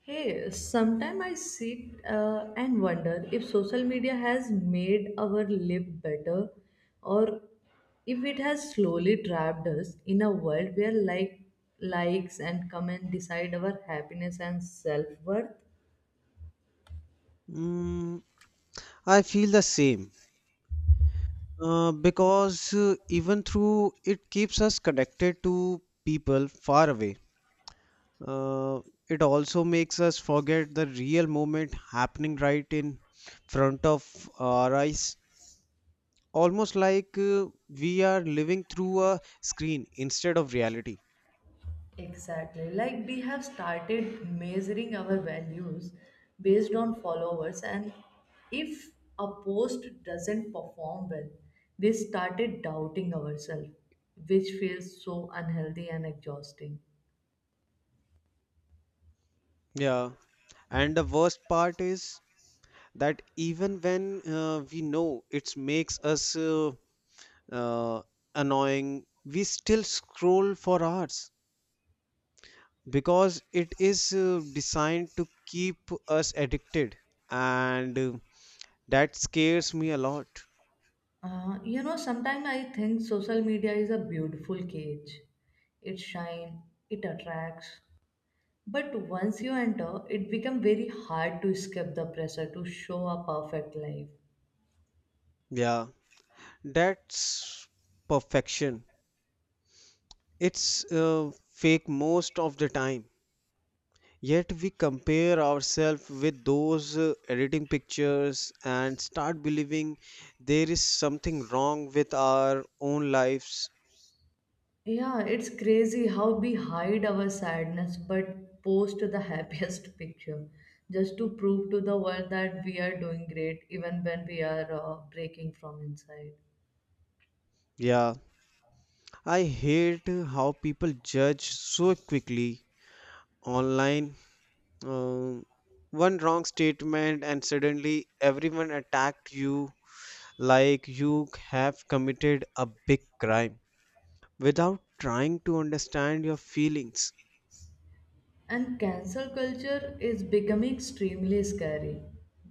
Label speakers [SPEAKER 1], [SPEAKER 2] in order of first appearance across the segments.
[SPEAKER 1] Hey, sometimes I sit and wonder if social media has made our life better or if it has slowly trapped us in a world where like likes and comment decide our happiness and self-worth.
[SPEAKER 2] Mm, I feel the same because even through it keeps us connected to people far away. Uh, it also makes us forget the real moment happening right in front of our eyes, almost like we are living through a screen instead of reality.
[SPEAKER 1] Exactly. Like we have started measuring our values based on followers, and if a post doesn't perform well, we started doubting ourselves, which feels so unhealthy and exhausting.
[SPEAKER 2] Yeah, and the worst part is that even when we know it makes us uh, annoying, we still scroll for hours because it is designed to keep us addicted, and that scares me a lot.
[SPEAKER 1] Sometimes I think social media is a beautiful cage. It shines, it attracts. But once you enter, it becomes very hard to escape the pressure to show a perfect life.
[SPEAKER 2] Yeah, that's perfection. It's fake most of the time. Yet we compare ourselves with those editing pictures and start believing there is something wrong with our own lives.
[SPEAKER 1] Yeah, it's crazy how we hide our sadness but post the happiest picture just to prove to the world that we are doing great even when we are breaking from inside.
[SPEAKER 2] Yeah, I hate how people judge so quickly online. Um, One wrong statement, and suddenly everyone attacked you like you have committed a big crime without trying to understand your feelings.
[SPEAKER 1] And cancel culture is becoming extremely scary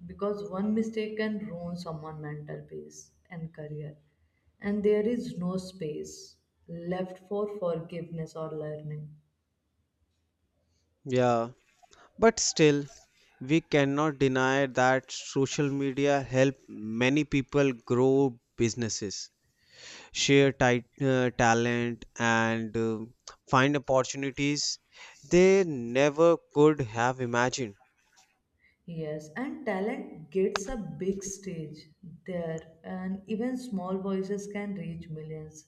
[SPEAKER 1] because one mistake can ruin someone's mental peace and career, and there is no space left for forgiveness or learning.
[SPEAKER 2] Yeah, but still, we cannot deny that social media help many people grow businesses, share tight talent, and find opportunities they never could have imagined.
[SPEAKER 1] Yes, and talent gets a big stage there, and even small voices can reach millions,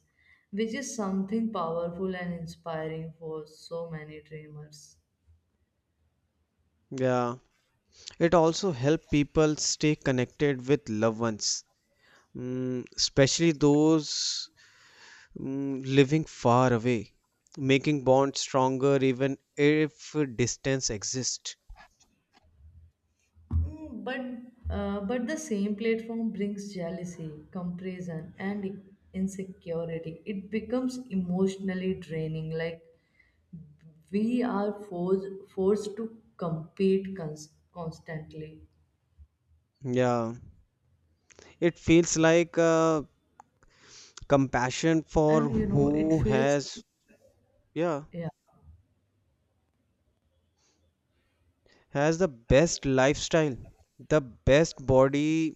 [SPEAKER 1] which is something powerful and inspiring for so many dreamers.
[SPEAKER 2] Yeah, it also helped people stay connected with loved ones, especially those living far away, making bonds stronger even if distance exists.
[SPEAKER 1] Mm, but but the same platform brings jealousy, comparison, and insecurity. It becomes emotionally draining. Like we are forced to compete constantly,
[SPEAKER 2] Yeah, it feels like compassion
[SPEAKER 1] and
[SPEAKER 2] for
[SPEAKER 1] you know it
[SPEAKER 2] who
[SPEAKER 1] feels,
[SPEAKER 2] has, yeah,
[SPEAKER 1] yeah.
[SPEAKER 2] has the best lifestyle, the best body,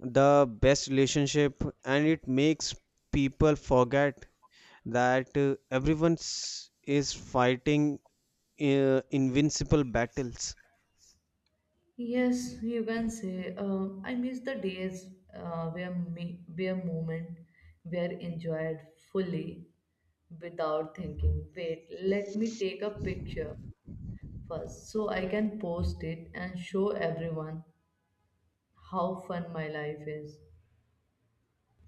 [SPEAKER 2] the best relationship, and it makes people forget that everyone is fighting invincible battles.
[SPEAKER 1] Yes, you can say. I miss the days where where moment were enjoyed fully without thinking. Wait, let me take a picture first so I can post it and show everyone how fun my life is.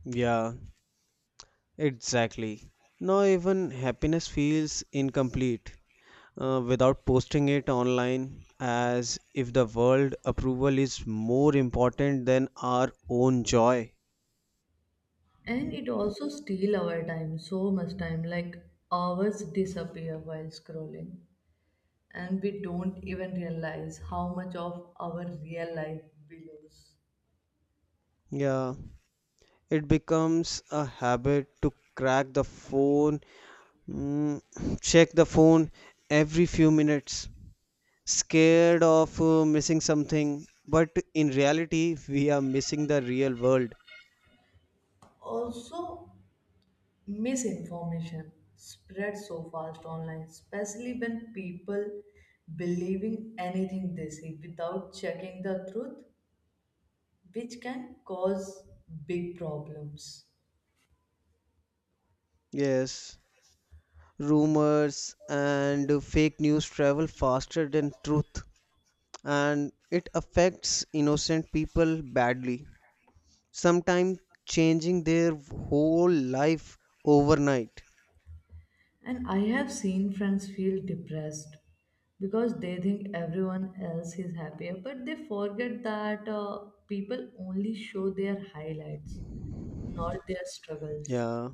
[SPEAKER 2] Yeah, exactly. Now, even happiness feels incomplete without posting it online, as if the world approval is more important than our own joy.
[SPEAKER 1] And it also steal our time, so much time. Like hours disappear while scrolling, and we don't even realize how much of our real life we lose.
[SPEAKER 2] Yeah, it becomes a habit to crack the phone, mm, check the phone every few minutes, scared of missing something. But in reality, we are missing the real world.
[SPEAKER 1] Also misinformation spreads so fast online, especially when people believing anything they see without checking the truth, which can cause big problems.
[SPEAKER 2] Yes, rumors and fake news travel faster than truth, and it affects innocent people badly, sometimes changing their whole life overnight.
[SPEAKER 1] And I have seen friends feel depressed because they think everyone else is happier, but they forget that people only show their highlights, not their struggles.
[SPEAKER 2] Yeah.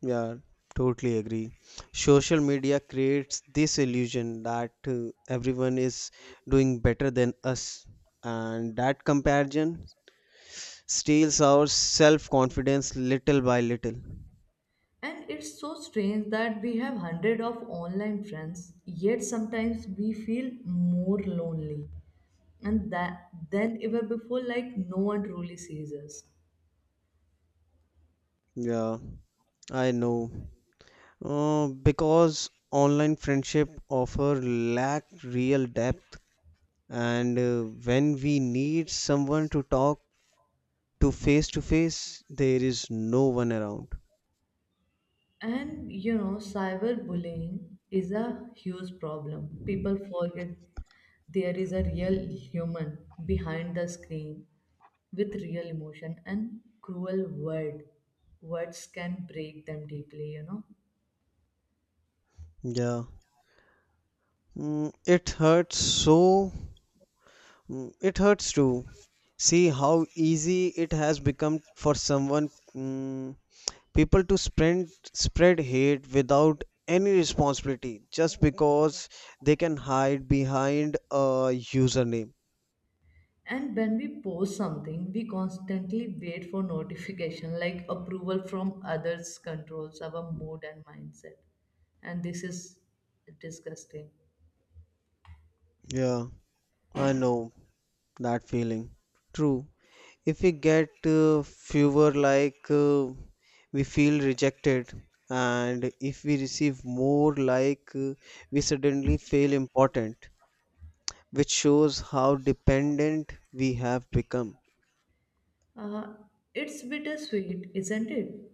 [SPEAKER 2] Yeah, totally agree. Social media creates this illusion that everyone is doing better than us, and that comparison steals our self confidence little by little.
[SPEAKER 1] And it's so strange that we have hundred of online friends, yet sometimes we feel more lonely and that than ever before, like no one truly sees us.
[SPEAKER 2] Yeah, I know. Because online friendship offer lack real depth, and when we need someone to talk to face, there is no one around.
[SPEAKER 1] And you know, cyberbullying is a huge problem. People forget there is a real human behind the screen with real emotion and cruel word. Words can break them deeply, you know.
[SPEAKER 2] Yeah. It hurts so. It hurts too. See how easy it has become for someone, people to spread hate without any responsibility, just because they can hide behind a username.
[SPEAKER 1] And when we post something, we constantly wait for notification, like approval from others controls our mood and mindset. And this is disgusting.
[SPEAKER 2] Yeah, I know that feeling. True. If we get fewer like we feel rejected, and if we receive more like we suddenly feel important, which shows how dependent we have become.
[SPEAKER 1] Uh, it's bittersweet, isn't it?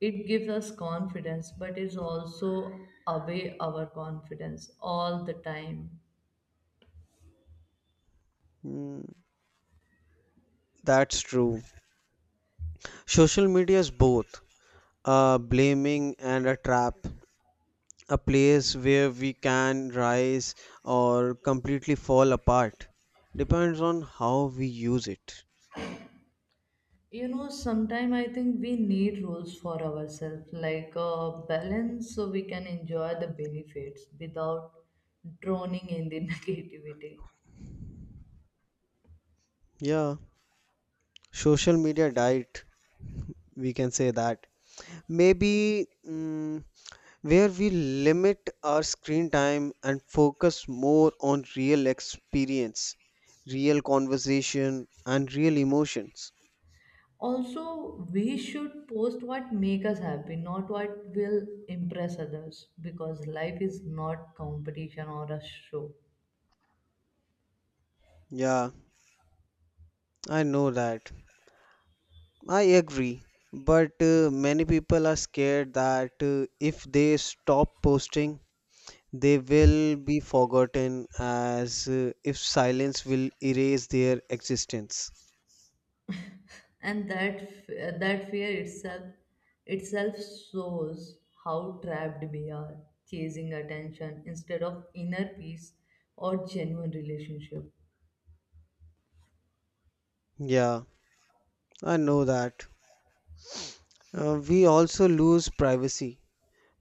[SPEAKER 1] It gives us confidence, but it's also away our confidence all the time.
[SPEAKER 2] Hmm, that's true. Social media is both a blaming and a trap, a place where we can rise or completely fall apart, depends on how we use it.
[SPEAKER 1] You know, sometimes I think we need rules for ourselves, like a balance, so we can enjoy the benefits without drowning in the negativity.
[SPEAKER 2] Yeah, social media diet, we can say that. Maybe where we limit our screen time and focus more on real experience, real conversation, and real emotions.
[SPEAKER 1] Also we should post what make us happy, not what will impress others, because life is not competition or a show.
[SPEAKER 2] Yeah, I know that. I agree. But many people are scared that if they stop posting, they will be forgotten as if silence will erase their existence.
[SPEAKER 1] And that fear itself shows how trapped we are, chasing attention instead of inner peace or genuine relationship.
[SPEAKER 2] Yeah. I know that. We also lose privacy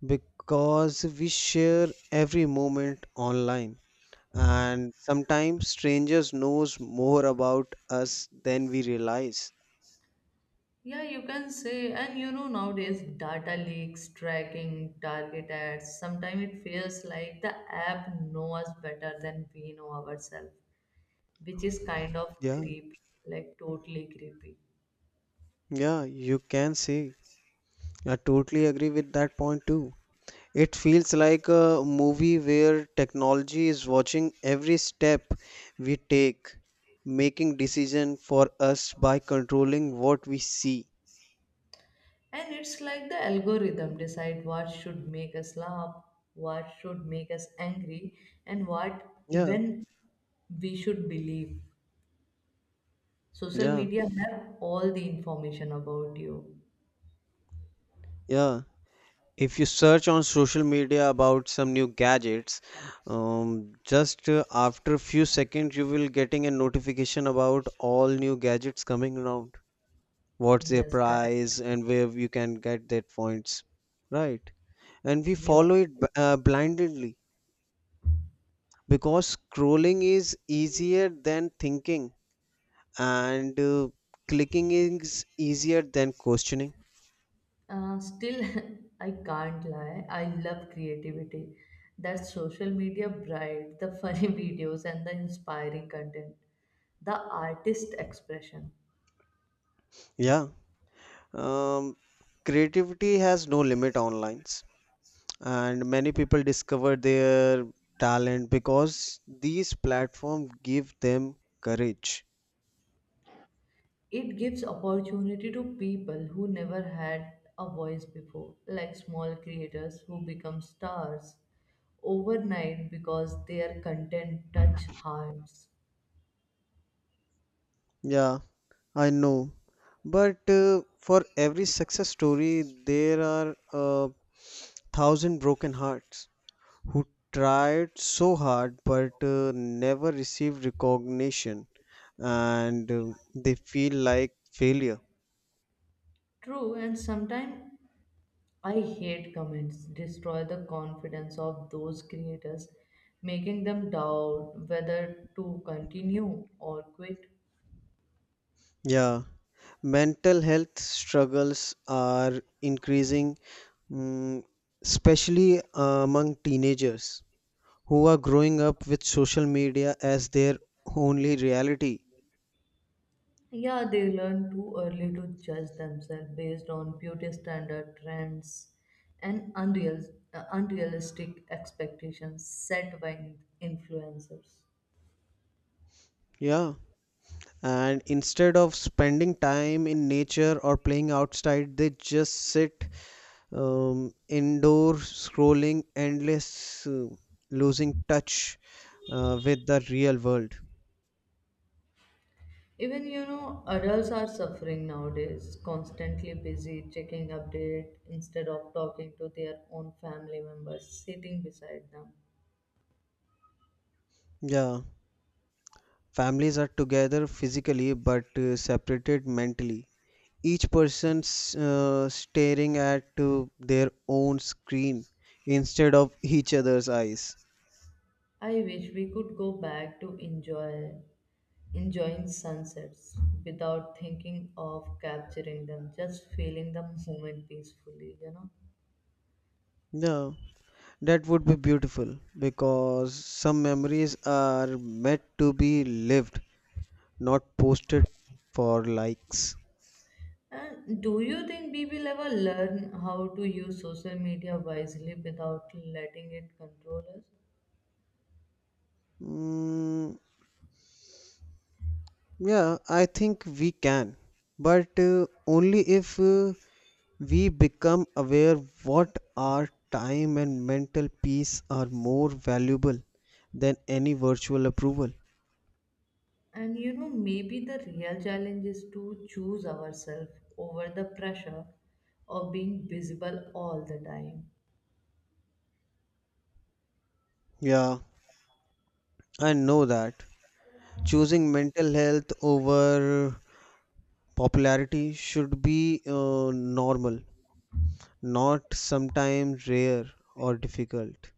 [SPEAKER 2] because we share every moment online, and sometimes strangers knows more about us than we realize.
[SPEAKER 1] Yeah, you can say. And you know, nowadays data leaks, tracking, target ads, sometimes it feels like the app know us better than we know ourselves, which is kind of
[SPEAKER 2] Yeah,
[SPEAKER 1] creepy. Like totally creepy.
[SPEAKER 2] yeah, you can say. I totally agree with that point too. It feels like a movie where technology is watching every step we take, making decision for us by controlling what we see.
[SPEAKER 1] And it's like the algorithm decide what should make us laugh, what should make us angry, and what
[SPEAKER 2] Yeah,
[SPEAKER 1] even we should believe. Social
[SPEAKER 2] yeah.
[SPEAKER 1] media have all the information about you.
[SPEAKER 2] Yeah, if you search on social media about some new gadgets, just after few seconds you will getting a notification about all new gadgets coming around. What's their
[SPEAKER 1] Yes, correct.
[SPEAKER 2] price and where you can get that points, right? And we
[SPEAKER 1] You are
[SPEAKER 2] follow it
[SPEAKER 1] right.
[SPEAKER 2] blindly because scrolling is easier than thinking, and clicking is easier than questioning.
[SPEAKER 1] Still, I can't lie. I love creativity. That social media bright, the funny videos and the inspiring content, the artist expression.
[SPEAKER 2] Yeah, um, creativity has no limit online, and many people discover their talent because these platforms give them courage.
[SPEAKER 1] It gives opportunity to people who never had a voice before, like small creators who become stars overnight because their content touch hearts.
[SPEAKER 2] Yeah, I know. But for every success story, there are a thousand broken hearts who tried so hard but never received recognition, and they feel like failure.
[SPEAKER 1] True, and sometimes I hate comments destroy the confidence of those creators, making them doubt whether to continue or quit.
[SPEAKER 2] Yeah, mental health struggles are increasing, mm, especially among teenagers who are growing up with social media as their only reality.
[SPEAKER 1] Yeah, they learn too early to judge themselves based on beauty standard trends and unrealistic expectations set by influencers.
[SPEAKER 2] Yeah. And instead of spending time in nature or playing outside, they just sit indoor, scrolling endless, losing touch with the real world.
[SPEAKER 1] Even you know, adults are suffering nowadays, constantly busy checking update instead of talking to their own family members sitting beside them.
[SPEAKER 2] Yeah. Families are together physically but separated mentally. Each person's staring at their own screen instead of each other's eyes.
[SPEAKER 1] I wish we could go back to enjoying sunsets without thinking of capturing them, just feeling the moment peacefully, you know.
[SPEAKER 2] Yeah, that would be beautiful because some memories are meant to be lived, not posted for likes.
[SPEAKER 1] And do you think we will ever learn how to use social media wisely without letting it control us?
[SPEAKER 2] Mm, yeah, I think we can, but only if we become aware what our time and mental peace are more valuable than any virtual approval.
[SPEAKER 1] And you know, maybe the real challenge is to choose ourselves over the pressure of being visible all the time.
[SPEAKER 2] Yeah, I know that. Choosing mental health over popularity should be normal, not sometimes rare or difficult.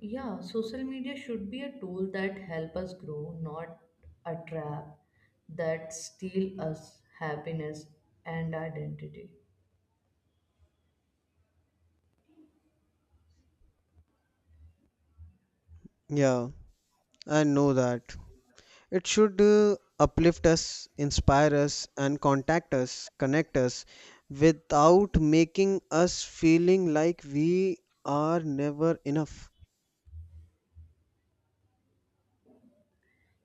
[SPEAKER 1] Yeah, social media should be a tool that help us grow, not a trap that steal us happiness and identity.
[SPEAKER 2] Yeah, I know that. It should uplift us, inspire us, and contact us, connect us without making us feeling like we are never enough.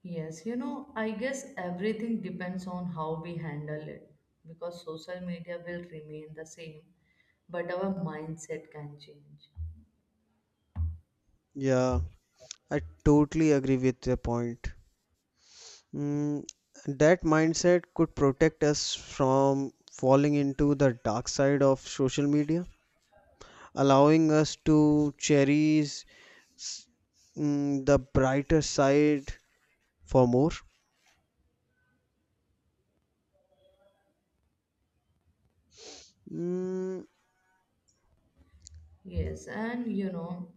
[SPEAKER 1] Yes, you know, I guess everything depends on how we handle it because social media will remain the same, but our mindset can change.
[SPEAKER 2] Yeah, I totally agree with your point. Mm, that mindset could protect us from falling into the dark side of social media, allowing us to cherish s- the brighter side for more. Mm,
[SPEAKER 1] Yes, and you know,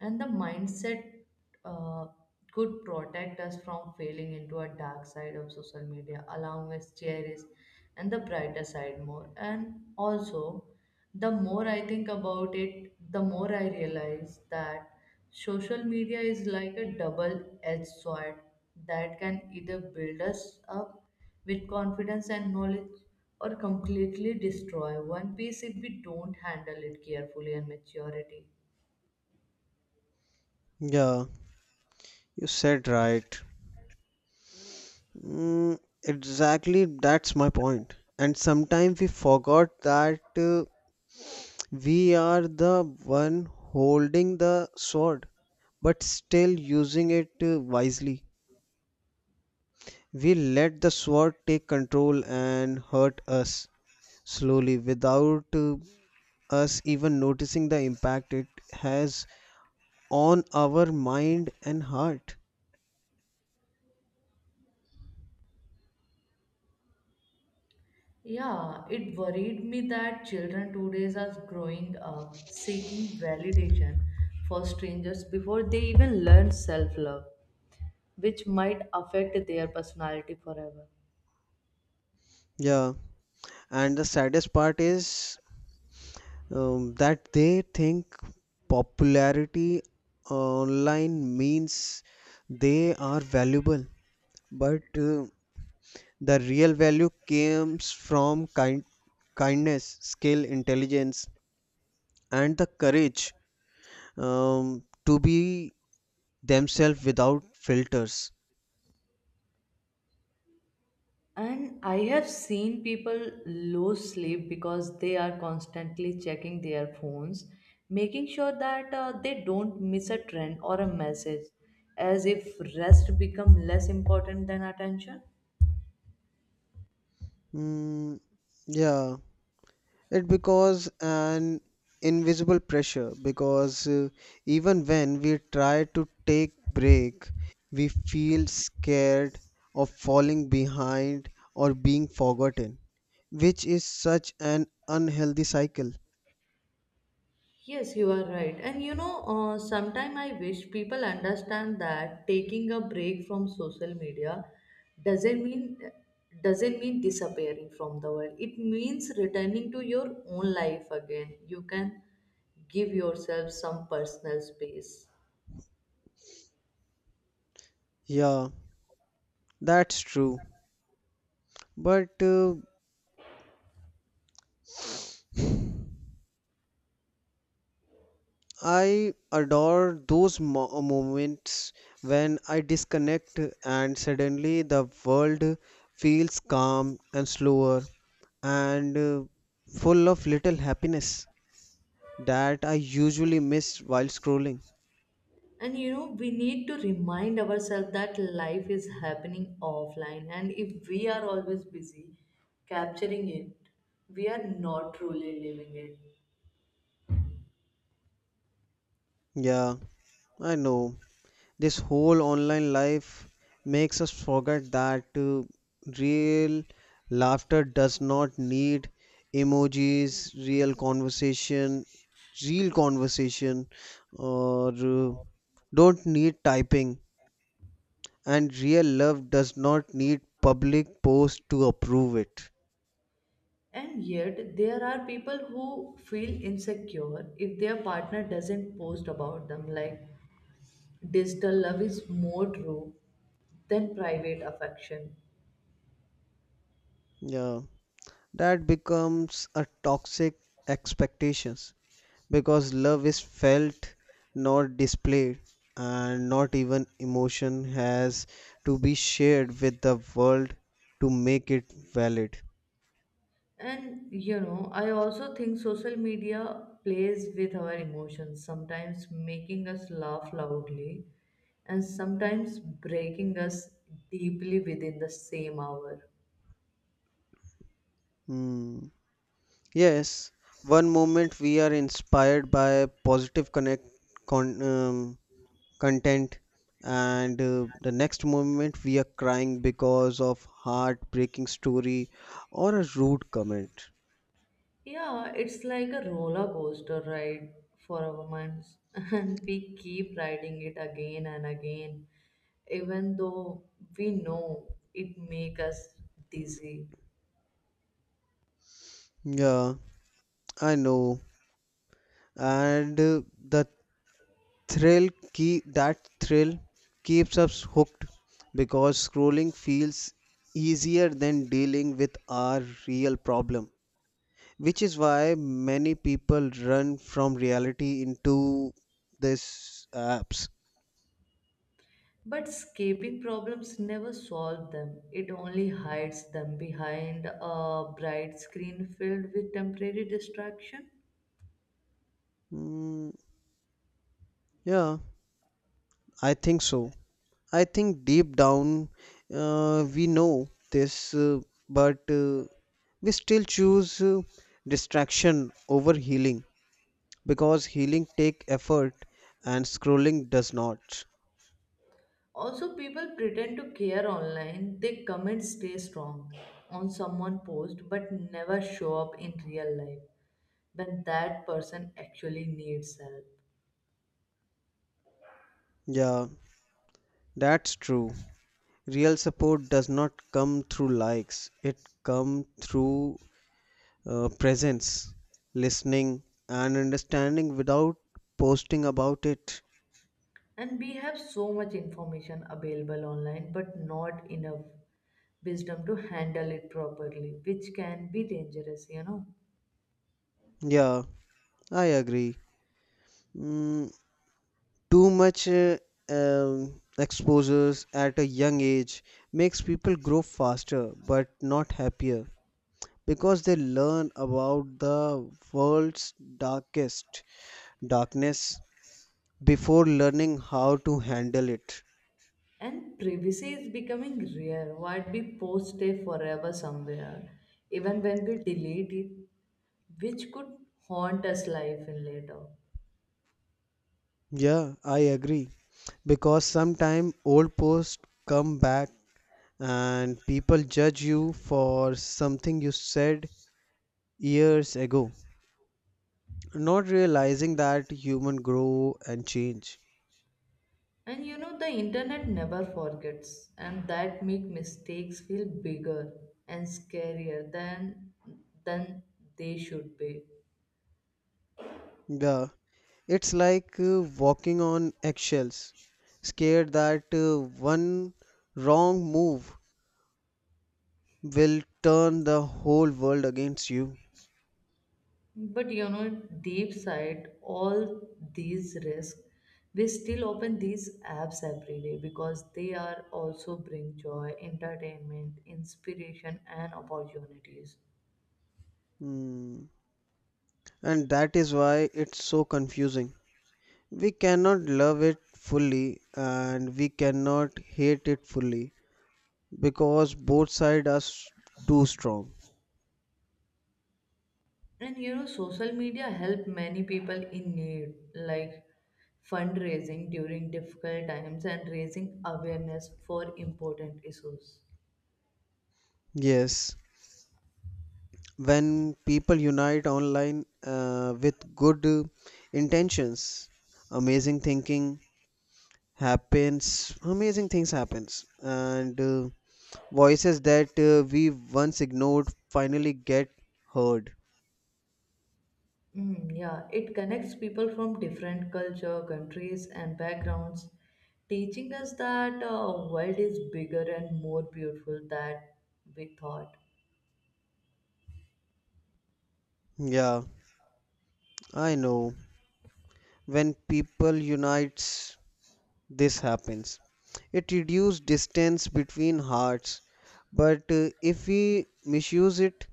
[SPEAKER 1] and the mindset uh, could protect us from failing into a dark side of social media, allowing us cherish and the brighter side more. And also, the more I think about it, the more I realize that social media is like a double-edged sword that can either build us up with confidence and knowledge or completely destroy one piece if we don't handle it carefully and maturity.
[SPEAKER 2] yeah, you said right. Mm, exactly, that's my point. And sometimes we forgot that we are the one holding the sword, but still using it wisely. We let the sword take control and hurt us slowly without us even noticing the impact it has on our mind and heart.
[SPEAKER 1] Yeah, it worried me that children today are growing up seeking validation for strangers before they even learn self love, which might affect their personality forever.
[SPEAKER 2] Yeah, and the saddest part is that they think popularity online means they are valuable, but the real value comes from kindness, skill, intelligence, and the courage to be themselves without filters.
[SPEAKER 1] And I have seen people lose sleep because they are constantly checking their phones, making sure that they don't miss a trend or a message, as if rest become less important than attention.
[SPEAKER 2] Mm, yeah, it because an invisible pressure because even when we try to take break, we feel scared of falling behind or being forgotten, which is such an unhealthy cycle.
[SPEAKER 1] Yes, you are right. And you know, sometimes I wish people understand that taking a break from social media doesn't mean doesn't mean disappearing from the world. It means returning to your own life again. You can give yourself some personal space.
[SPEAKER 2] Yeah, that's true. But I adore those moments when I disconnect and suddenly the world feels calm and slower and full of little happiness that I usually miss while scrolling.
[SPEAKER 1] And you know, we need to remind ourselves that life is happening offline, and if we are always busy capturing it, we are not truly living it.
[SPEAKER 2] Yeah, I know. This whole online life makes us forget that real laughter does not need emojis, real conversation real conversation or uh, don't need typing, and real love does not need public post to approve it.
[SPEAKER 1] And yet, there are people who feel insecure if their partner doesn't post about them, like digital love is more true than private affection.
[SPEAKER 2] Yeah, that becomes a toxic expectations because love is felt, not displayed, and not even emotion has to be shared with the world to make it valid.
[SPEAKER 1] And you know, I also think social media plays with our emotions, sometimes making us laugh loudly and sometimes breaking us deeply within the same hour.
[SPEAKER 2] Hmm. Yes, one moment we are inspired by positive con, um, content, and the next moment we are crying because of heartbreaking story or a rude comment.
[SPEAKER 1] Yeah, it's like a roller coaster ride for our months, and we keep riding it again and again, even though we know it makes us dizzy.
[SPEAKER 2] Yeah, I know. And the thrill key that thrill keeps us hooked because scrolling feels easier than dealing with our real problem, which is why many people run from reality into these apps.
[SPEAKER 1] But escaping problems never solve them, it only hides them behind a bright screen filled with temporary distraction.
[SPEAKER 2] Mm, yeah, I think so, I think deep down we know this, uh, but we still choose distraction over healing because healing take effort, and scrolling does not.
[SPEAKER 1] Also, people pretend to care online. They comment stay strong on someone post but never show up in real life when that person actually needs help.
[SPEAKER 2] Yeah, that's true. Real support does not come through likes. It come through presence, listening and understanding without posting about it.
[SPEAKER 1] And we have so much information available online but not enough wisdom to handle it properly, which can be dangerous, you know.
[SPEAKER 2] Yeah, I agree. Mm, Too much exposures at a young age makes people grow faster but not happier, because they learn about the world's darkest darkness before learning how to handle it.
[SPEAKER 1] And privacy is becoming rare. What we post stay forever somewhere, even when we delete it, which could haunt us life in later.
[SPEAKER 2] Yeah, I agree. Because sometimes old posts come back and people judge you for something you said years ago, not realizing that human grow and change.
[SPEAKER 1] And you know the internet never forgets and that make mistakes feel bigger and scarier than they should be.
[SPEAKER 2] Yeah, it's like walking on eggshells, scared that one wrong move will turn the whole world against you.
[SPEAKER 1] But you know deep side all these risks we still open these apps every day because they are also bring joy, entertainment, inspiration and opportunities.
[SPEAKER 2] Hmm. And that is why it's so confusing. We cannot love it fully and we cannot hate it fully because both sides are too strong.
[SPEAKER 1] And you know, social media help many people in need, like fundraising during difficult times and raising awareness for important issues.
[SPEAKER 2] Yes, when people unite online with good intentions, amazing thinking amazing things happens, and voices that we once ignored finally get heard.
[SPEAKER 1] Mm, yeah, it connects people from different culture, countries, and backgrounds, teaching us that world is bigger and more beautiful than we thought.
[SPEAKER 2] Yeah, I know. When people unites, this happens. It reduces distance between hearts, but if we misuse it,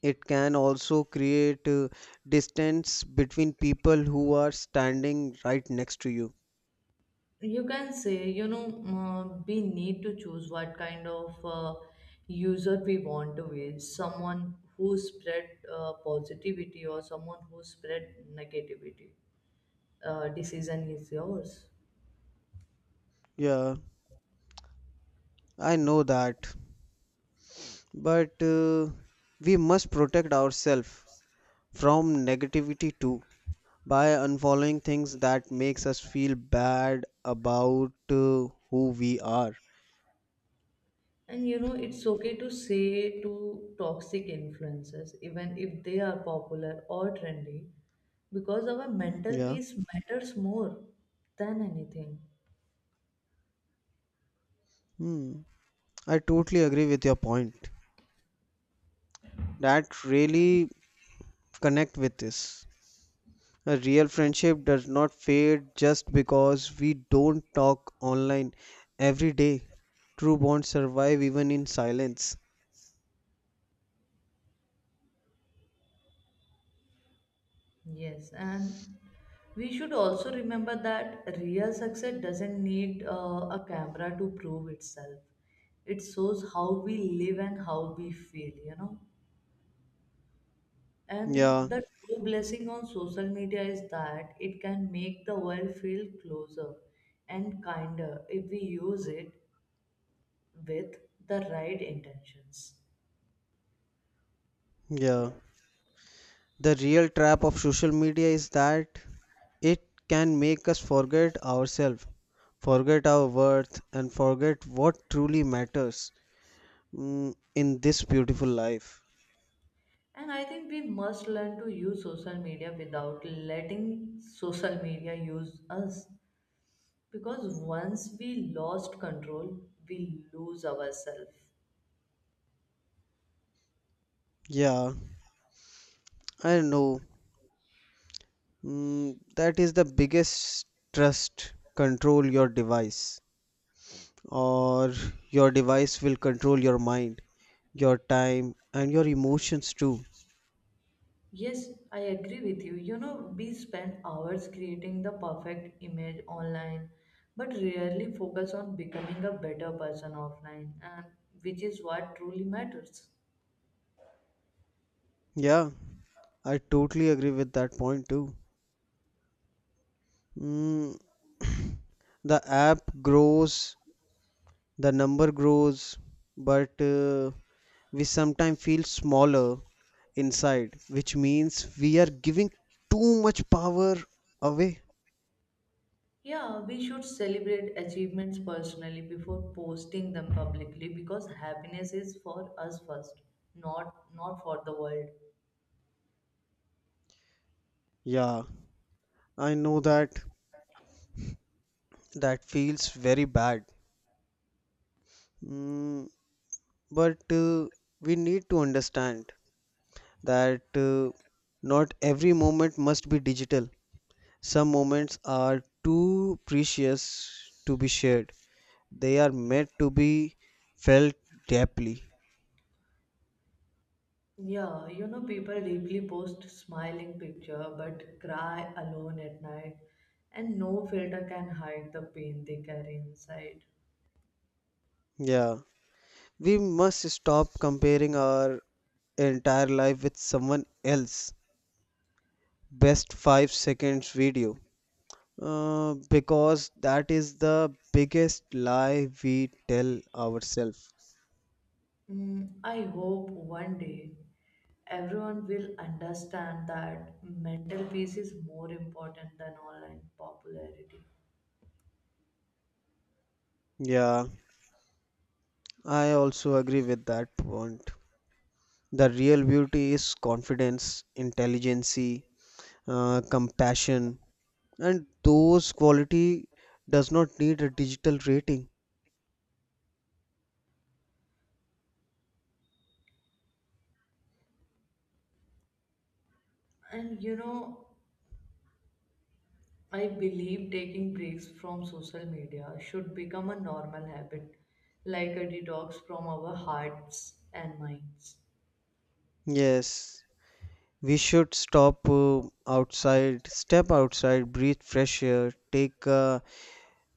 [SPEAKER 2] it can also create distance between people who are standing right next to you.
[SPEAKER 1] You can say, you know, we need to choose what kind of user we want to be, someone who spread positivity or someone who spread negativity. Decision is yours.
[SPEAKER 2] Yeah, I know that. But we must protect ourselves from negativity too by unfollowing things that makes us feel bad about who we are.
[SPEAKER 1] And you know it's okay to say to toxic influences even if they are popular or trendy because our mental
[SPEAKER 2] Yeah.
[SPEAKER 1] peace matters more than anything.
[SPEAKER 2] Hmm. I totally agree with your point that really connect with this. A real friendship does not fade just because we don't talk online every day. True bonds survive even in silence.
[SPEAKER 1] Yes, and we should also remember that real success doesn't need a camera to prove itself. It shows how we live and how we feel, you know. And
[SPEAKER 2] Yeah,
[SPEAKER 1] the true blessing on social media is that it can make the world feel closer and kinder if we use it with the right intentions.
[SPEAKER 2] yeah, the real trap of social media is that it can make us forget ourselves, forget our worth, and forget what truly matters in this beautiful life.
[SPEAKER 1] And I think we must learn to use social media without letting social media use us. Because once we lost control, we lose ourselves.
[SPEAKER 2] Yeah, I know. That is the biggest trust. Control your device, or your device will control your mind, your time, and your emotions too.
[SPEAKER 1] Yes, I agree with you. You know, we spend hours creating the perfect image online, but rarely focus on becoming a better person offline, and which is what truly matters.
[SPEAKER 2] Yeah, I totally agree with that point too. Mm, the app grows, the number grows, but we sometimes feel smaller inside, which means we are giving too much power away.
[SPEAKER 1] Yeah, we should celebrate achievements personally before posting them publicly because happiness is for us first, not for the world.
[SPEAKER 2] Yeah, I know that. That feels very bad. mm, but we need to understand that not every moment must be digital. Some moments are too precious to be shared. They are meant to be felt deeply.
[SPEAKER 1] Yeah, you know, people deeply post smiling picture but cry alone at night, and no filter can hide the pain they carry inside.
[SPEAKER 2] Yeah, we must stop comparing our entire life with someone else's best 5 seconds video because that is the biggest lie we tell ourselves.
[SPEAKER 1] Mm, I hope one day everyone will understand that mental peace is more important than online popularity.
[SPEAKER 2] Yeah, I also agree with that point. The real beauty is confidence, intelligence, compassion, and those quality does not need a digital rating.
[SPEAKER 1] And you know, I believe taking breaks from social media should become a normal habit, like a detox from our hearts and minds.
[SPEAKER 2] Yes, we should stop outside, step outside, breathe fresh air, take a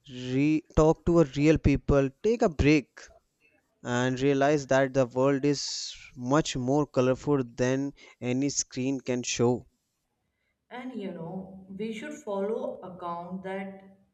[SPEAKER 2] talk to a real people, take a break, and realize that the world is much more colorful than any screen can show.
[SPEAKER 1] And you know, we should follow account that